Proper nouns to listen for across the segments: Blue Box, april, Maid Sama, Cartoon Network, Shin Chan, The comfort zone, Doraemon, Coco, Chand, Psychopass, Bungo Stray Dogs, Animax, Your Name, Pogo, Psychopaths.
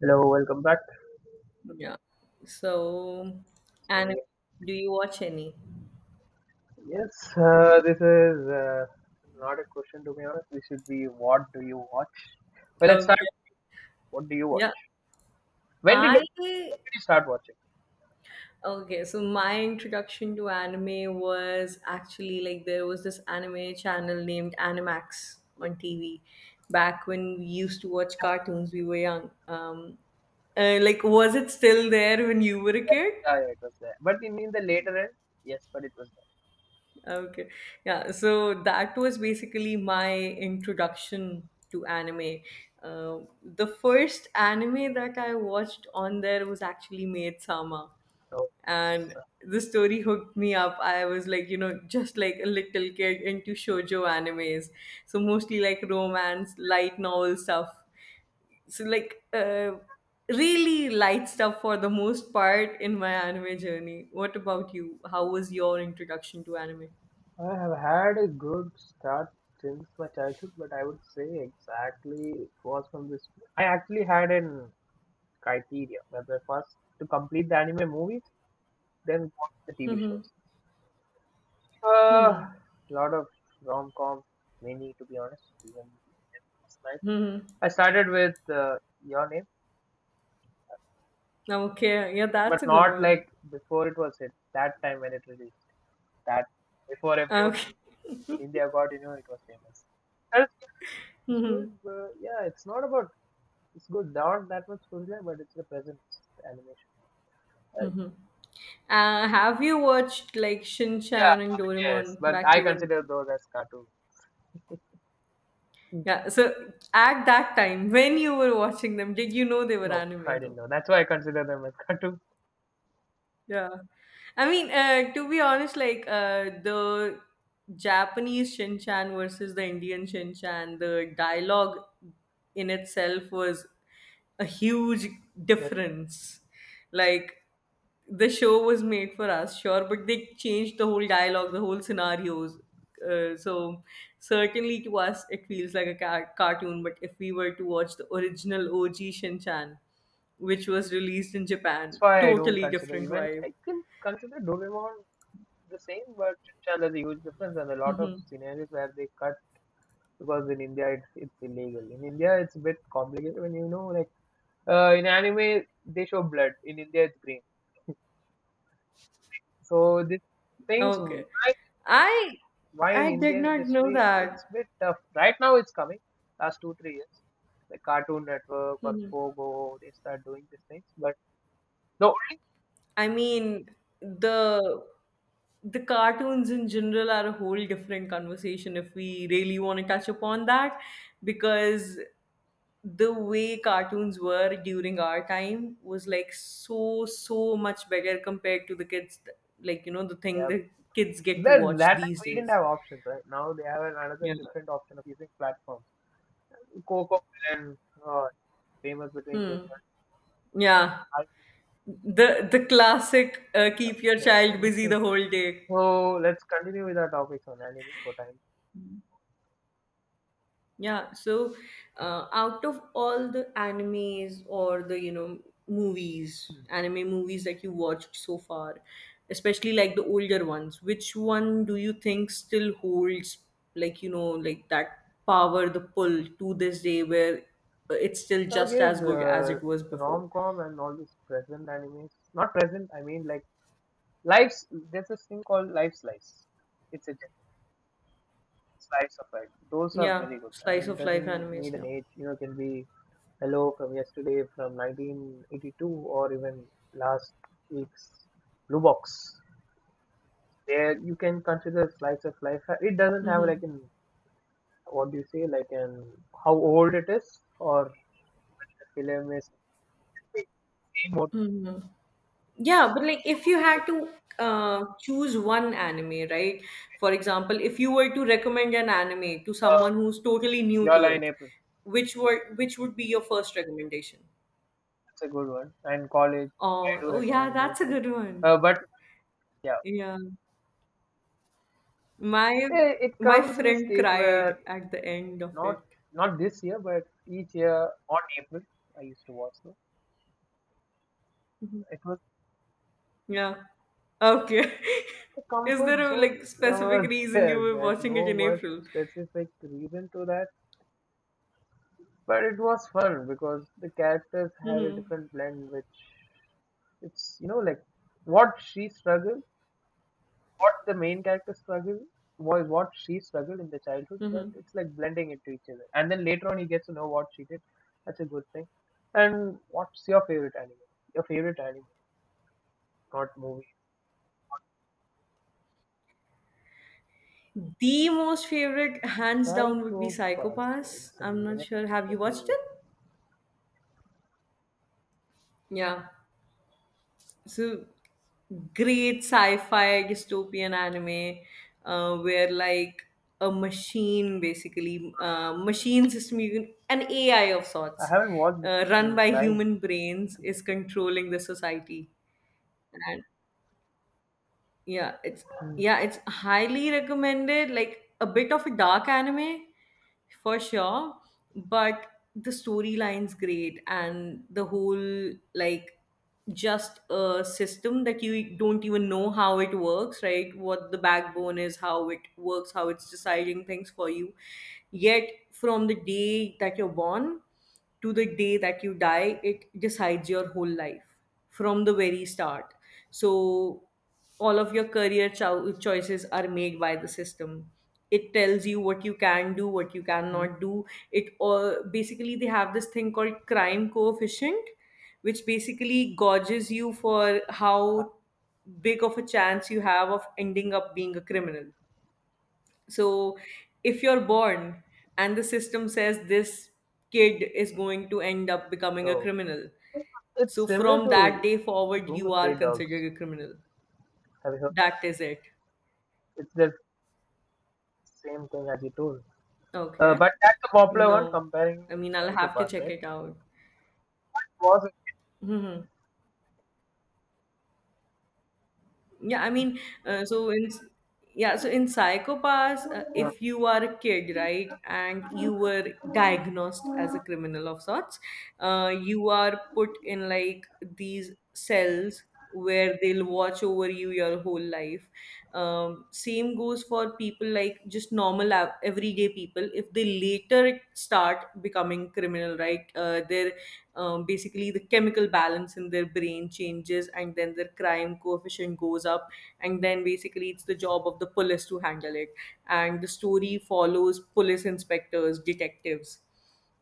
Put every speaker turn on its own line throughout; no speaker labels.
Hello, welcome back.
Yeah. So,
So
anime,
yeah,
do you watch any?
yes, this is not a question, to be honest. This should be, what do you watch? Well, let's
Okay.
start. What do you
Yeah.
watch? When did, when
I
did you start watching?
okay, so my introduction to anime was actually there was this anime channel named Animax
Yeah,
on TV back when we used to watch cartoons, we were young. Like was it still there when you were a kid?
yeah, yeah, it was there. But in the later end, yes, but it was there.
Okay. Yeah. So that was basically my introduction to anime. The first anime that I watched on there was actually Maid Sama.
So,
And
so
the story hooked me up. I was like, you know, just like a little kid into shoujo animes. So mostly like romance, light novel stuff. So really light stuff for the most part in my anime journey. What about you? How was your introduction to anime?
I have had a good start since my childhood, but I would say exactly it was from this. I actually had an criteria where the first to complete the anime movies, then watch the TV shows. Uh,
Hmm.
Lot of rom com, many to be honest. Even last night,
Mhm.
I started with Your Name,
Okay. Yeah,
but
that's a good
not
one.
like before it was hit. That time when it released, that before everyone
Okay.
in India got, you know, it was famous. And it's good, it's good
Mhm.
but yeah, it's not about, it's good, not that much storyline, but it's the presence animation. Uh,
Mhm. Have you watched like Shin
yeah,
Chan and
yes,
Doraemon
but
back
I
you when?
consider those as cartoon.
Yeah. So at that time, when you were watching them, did you know they were
No, I
anime
didn't
though?
know. That's why I consider them as cartoon.
Yeah. I mean, to be honest, the Japanese Shin Chan versus the Indian Shin Chan, the dialogue in itself was a huge difference. Like the show was made for us, sure, but they changed the whole dialogue, the whole scenarios. So certainly to us, it feels like a cartoon. But if we were to watch the original OG Shinchan, which was released in
That's
Japan,
why I don't
totally
consider,
different
even
vibe.
I can consider Doraemon the same, but Chand has a huge difference and a lot of scenarios where they cut because in India it's illegal. In India it's a bit complicated when you know, like in anime they show blood. In India it's green. So these things,
Okay, I
why in
I did
Indian
not know
industry it's a
that.
bit tough. Right now it's coming, last two, 3 years. Like Cartoon Network or
Mhm.
Pogo, they start doing these things. But no,
I mean, the the cartoons in general are a whole different conversation if we really want to touch upon that because the way cartoons were during our time was like so much better compared to the kids like you know the thing
yeah,
that kids get to
That
watch
that time
these
we didn't
days.
have options, right? Now they have another
Yeah,
different option of using platforms. Coco and uh, famous between kids.
yeah.
And I-
The classic,
yep,
keep your child busy the
anything.
whole day.
So let's continue with our topics on anime for time.
Yeah, so out of all the animes or the, you know, movies, anime movies that you watched so far, especially like the older ones, which one do you think still holds, like, you know, like that power, the pull to this day where it's still
So I
just
guess
as good as it was before?
rom-com and all these present animes. Not present, I mean, like lives. There's this thing called life slice. It's a slice of life. Those are
Yeah,
very good
slice
and it
of life
doesn't need
animes,
an
yeah.
age. You know, it can be hello from yesterday from 1982 or even last week's blue box, there you can consider slice of life, it doesn't have like an, what do you say, like an, how old it is, or film is.
Yeah, but like if you had to choose one anime, right? For example, if you were to recommend an anime to
uh,
someone who's totally new
your
to
Line
it,
April,
which would be your first recommendation?
that's a good one, and College. I
Oh,
do
oh yeah,
recommend those
that's a
guys.
good one.
uh, but yeah
Yeah. My
it
my
comes in a
friend
state
cried
where,
at the end of
not
it.
not this year but each year on April I used to watch it. It was
Yeah. Okay.
the
Is
comfort
there a like
zone.
specific
uh,
reason you
there,
were
there's
watching it
no
in
much
April?
specific reason to that, but it was fun because the characters had a
Mm-hmm.
different blend, which, it's, you know, like what she struggled, what the main character struggled, was what she struggled in the childhood, but
Mm-hmm.
it's like blending it to each other. And then later on, you get to know what she did. That's a good thing. And what's your favorite anime? Your favorite anime, not movie.
The most favorite, hands down, would be
Psychopaths.
Psychopass.
It's a
I'm not
minute.
sure. Have you
Let
watched
me.
it? Yeah. So great sci-fi dystopian anime where like a machine, basically, machine system, you can, an AI of
I
sorts,
haven't watched it
run
in
by
Prime.
human brains, is controlling the society. And Yeah, it's
Mhm.
yeah, it's highly recommended. Like a bit of a dark anime for sure, but the storyline's great and the whole like just a system that you don't even know how it works, right? What the backbone is, how it works, how it's deciding things for you. Yet from the day that you're born to the day that you die, it decides your whole life from the very start. So all of your career choices are made by the system. It tells you what you can do, what you cannot do. It all, basically, they have this thing called crime coefficient, which basically gauges you for how big of a chance you have of ending up being a criminal. So if you're born and the system says this kid is going to end up becoming a
So
criminal, so
it's similar
from that
to
day forward
Bungo
you are
Stray Dogs.
considered a criminal.
Have you heard?
That is it.
It's the same thing as you told.
Okay.
But that's a popular one
No.
comparing
I mean, I'll have to
Psychopaths,
check
right?
it out.
Was,
Hmm. Yeah, I mean, so in yeah, so in Psychopaths,
uh,
if you are a kid, right, and you were diagnosed as a criminal of sorts, you are put in like these cells where they'll watch over you your whole life. Same goes for people like just normal everyday people. If they later start becoming criminal, right, their basically the chemical balance in their brain changes and then their crime coefficient goes up, and then basically it's the job of the police to handle it, and the story follows police inspectors, detectives,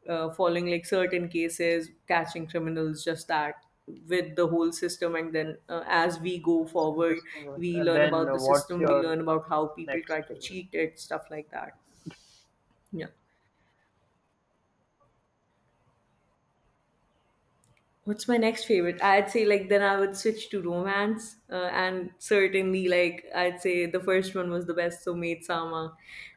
following like certain cases, catching criminals, just that, with the whole system. And then, as we go
it's
forward,
interesting one.
we
And
learn
then,
about the
what's
system, we
your
learn about how people
next
try to
favorite?
cheat it, stuff like that. Yeah. What's my next favorite? I'd say like then I would switch to romance, and certainly like I'd say the first one was the best. So Maid Sama,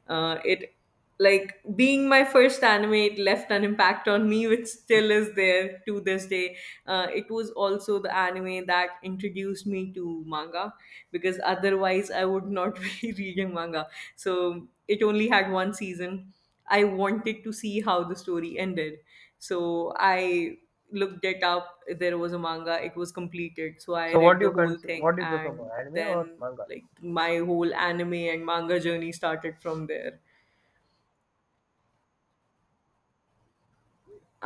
it like being my first anime, it left an impact on me, which still is there to this day. It was also the anime that introduced me to manga, because otherwise I would not be reading manga. So it only had one season. I wanted to see how the story ended, so I looked it up. There was a manga, it was completed, so I
So what
read
do
the
you
whole
consider?
thing.
What do you prefer
And
more, anime or
then,
manga?
like, my whole anime and manga journey started from there.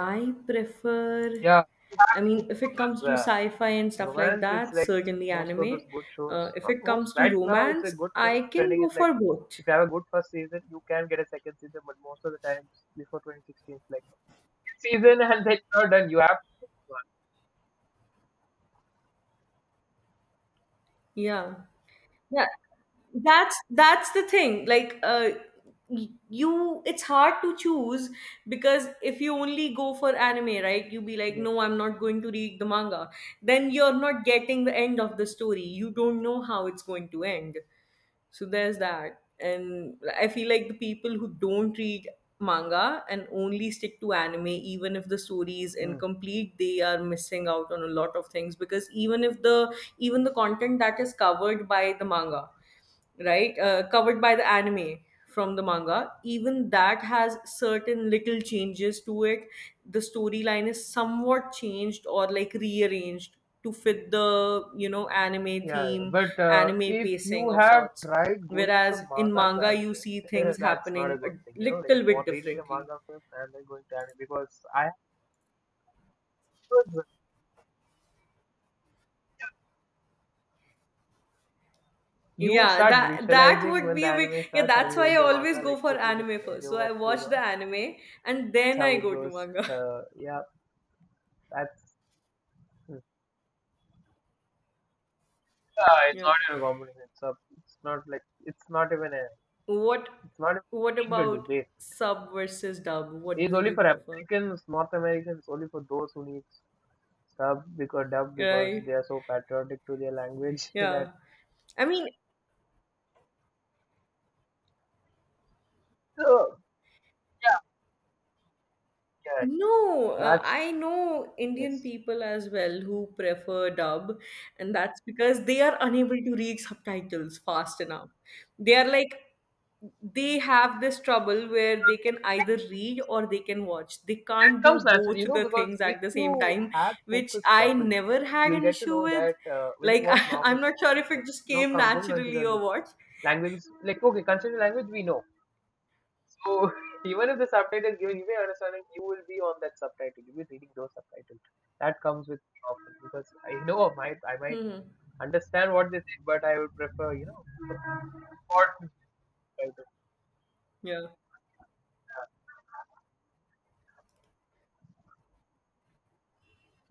I prefer,
Yeah,
I mean, if it comes
the
to sci-fi and stuff like
romance it's
that,
like
certainly
most of
anime.
those good shows,
If
not
it
most,
comes to
right now it's a
romance,
good
I
thing
can
trending
go
is like,
for both.
if you have a good first season you can get a second season, but most of the times before 2016 it's like season and then you're done, you have to pick
Yeah. Yeah, that's the thing. Like, you, it's hard to choose because if you only go for anime, right? You be like,
one. Yeah.
no, I'm not going to read the manga. Then you're not getting the end of the story. You don't know how it's going to end. So there's that. And I feel like the people who don't read manga and only stick to anime, even if the story is
Hmm.
incomplete, they are missing out on a lot of things. Because even if the, even the content that is covered by the manga, right? Covered by the anime from the manga. Even that has certain little changes to it. The storyline is somewhat changed or like rearranged to fit the, you know, anime
Yeah, yeah.
theme,
But
anime
if
pacing
you
of
have
sorts.
tried going
Whereas
from
in
manga to
manga, you see
anime,
things
that's not a
happening a
good thing. You know, like
little bit
what, reading the
differently.
manga first and then going to anime, because I, you
Yeah,
start
that that
visualizing
would
when the
be a big
anime
Yeah,
starts. Have
that's
you
why I
read the
always
manga?
go
Like
for
this is the
anime first. So
scenario
I
that goes
watch the
on,
anime and then
how
I
it
go to
goes.
manga.
Yeah, that's, it's
Yeah.
not even a competition. So it's not like, it's not even a,
What
it's not even a
what
thing to
about
debate.
sub versus dub? What
It's
do
only
you
for
prefer?
Americans, North Americans, only for those who need sub because dub, because they
Right?
are so patriotic to their language that,
Yeah. I mean,
so yeah, yeah,
no,
that's,
I know Indian
yes,
people as well who prefer dub, and that's because they are unable to read subtitles fast enough. They are like, they have this trouble where they can either read or they can watch. They
it
can't do
comes naturally,
both
you know,
the
because
things
if
at the
you
same time,
had
which
focused
I
properly
never had
you'll
an
get to
issue
know
with.
that, when you
Like,
watch
I,
normal
I'm not
movies,
sure if it
like,
just
no,
came
count, don't consider
naturally or
this
what.
language, like, okay, consider language we know. So even if the subtitle is given, you may understand that you will be on that subtitle. You will be reading those subtitles. That comes with problem because I know I might
Hmm.
understand what they say, but I would prefer, you know, what subtitle.
Yeah.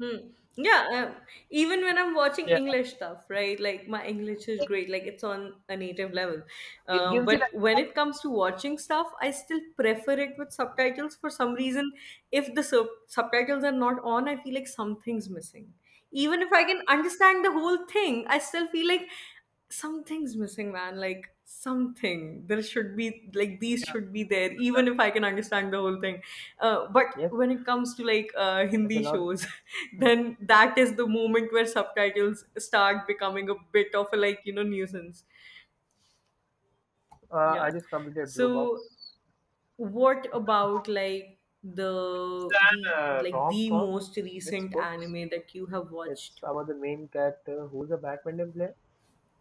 Hmm. Yeah, even when I'm watching
Yeah,
English stuff, right? Like my English is great, like it's on a native level.
it gives you
But
that.
when it comes to watching stuff, I still prefer it with subtitles for some reason. If the subtitles are not on, I feel like something's missing. Even if I can understand the whole thing, I still feel like something's missing, man. Like something, there should be like, these
Yeah.
should be there even if I can understand the whole thing. But
Yes,
when it comes to like,
there's a
hindi
lot. Of,
shows,
hmm.
then that is the moment where subtitles start becoming a bit of a, like, you know, nuisance. Yeah,
I just completed Blue Box.
so what
Blue Box
about like the
and
like
rom
the
com.
most
It's
recent
good.
anime that you have
It's
watched?
about the main character who's a badminton player.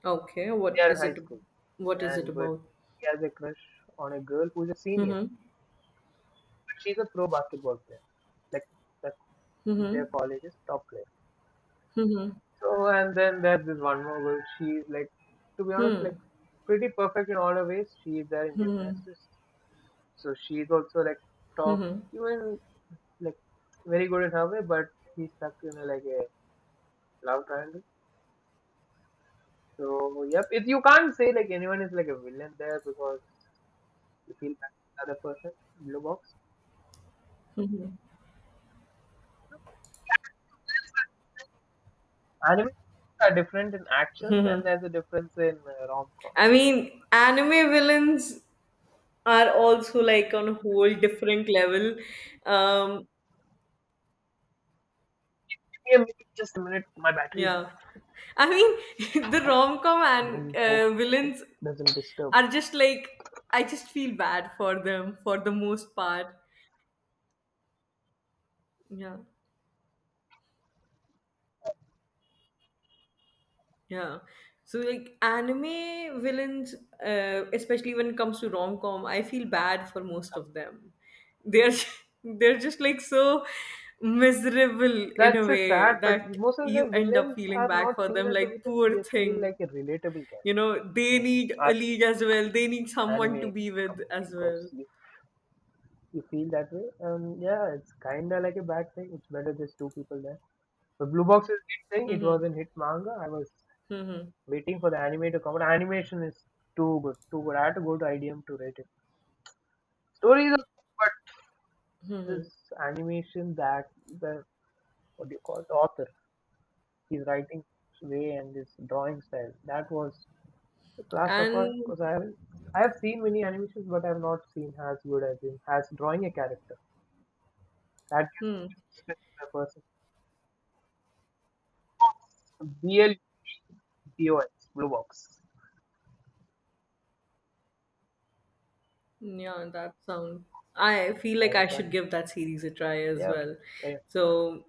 Okay,
They
what
are in
is
high
it?
school,
What is it
and but
about?
he has a crush on a girl who's a senior.
Mm-hmm.
She's a pro basketball player, like, the,
Mm-hmm.
their college's top player.
Mm-hmm.
So and then there's this one more girl. She's like, to be honest, like
Hmm.
pretty perfect in all her ways. She is there in
Hmm.
gymnastics, so she's also like top,
Hmm.
even like very good in her way. But he's stuck in a, like a love triangle. So yep, it, you can't say like anyone is like a villain there because you feel that other person, blue box. Anime are different in actions and there's a difference in rom com.
I mean, anime villains are also like on a whole different level. Um,
Yeah, maybe just a minute. My battery is low.
yeah. I mean, the rom-com and
Don't hope.
uh,
I hope
villains
it doesn't disturb.
are just like, I just feel bad for them for the most part. Yeah. Yeah. So like anime villains, especially when it comes to rom com, I feel bad for most of them. They're they're just like so miserable in a
That's a
way
sad, but
that
most of the
you end up
villains
feeling
are
bad
not
for
seen
them.
as the
Like
villains. They
poor
are seen
thing,
like a relatable
you
character
know, they
in
need a
our
lead as well. They need
anime
someone to be with
community
as
because
well.
you feel that way. And yeah, it's kinda like a bad thing. It's better there's two people there. The Blue Box is a hit thing. It was
Mm-hmm.
a hit manga. I was
Mm-hmm.
waiting for the anime to come out. Animation is too good, too good. I had to go to IDM to rate it. Story is okay, but this
Mm-hmm.
animation that the, what do you call, the author. His writing way and his drawing style. That was a class apart
And
because I haven't, I have seen many animations but I have not seen as good as him as drawing a character. That gives me
hmm,
respect for a person. BL Blue Box.
yeah, that sound. I feel
I
like I
was
should
done.
give that series a try as
Yeah okay.
well.
Carry on. Bye.
So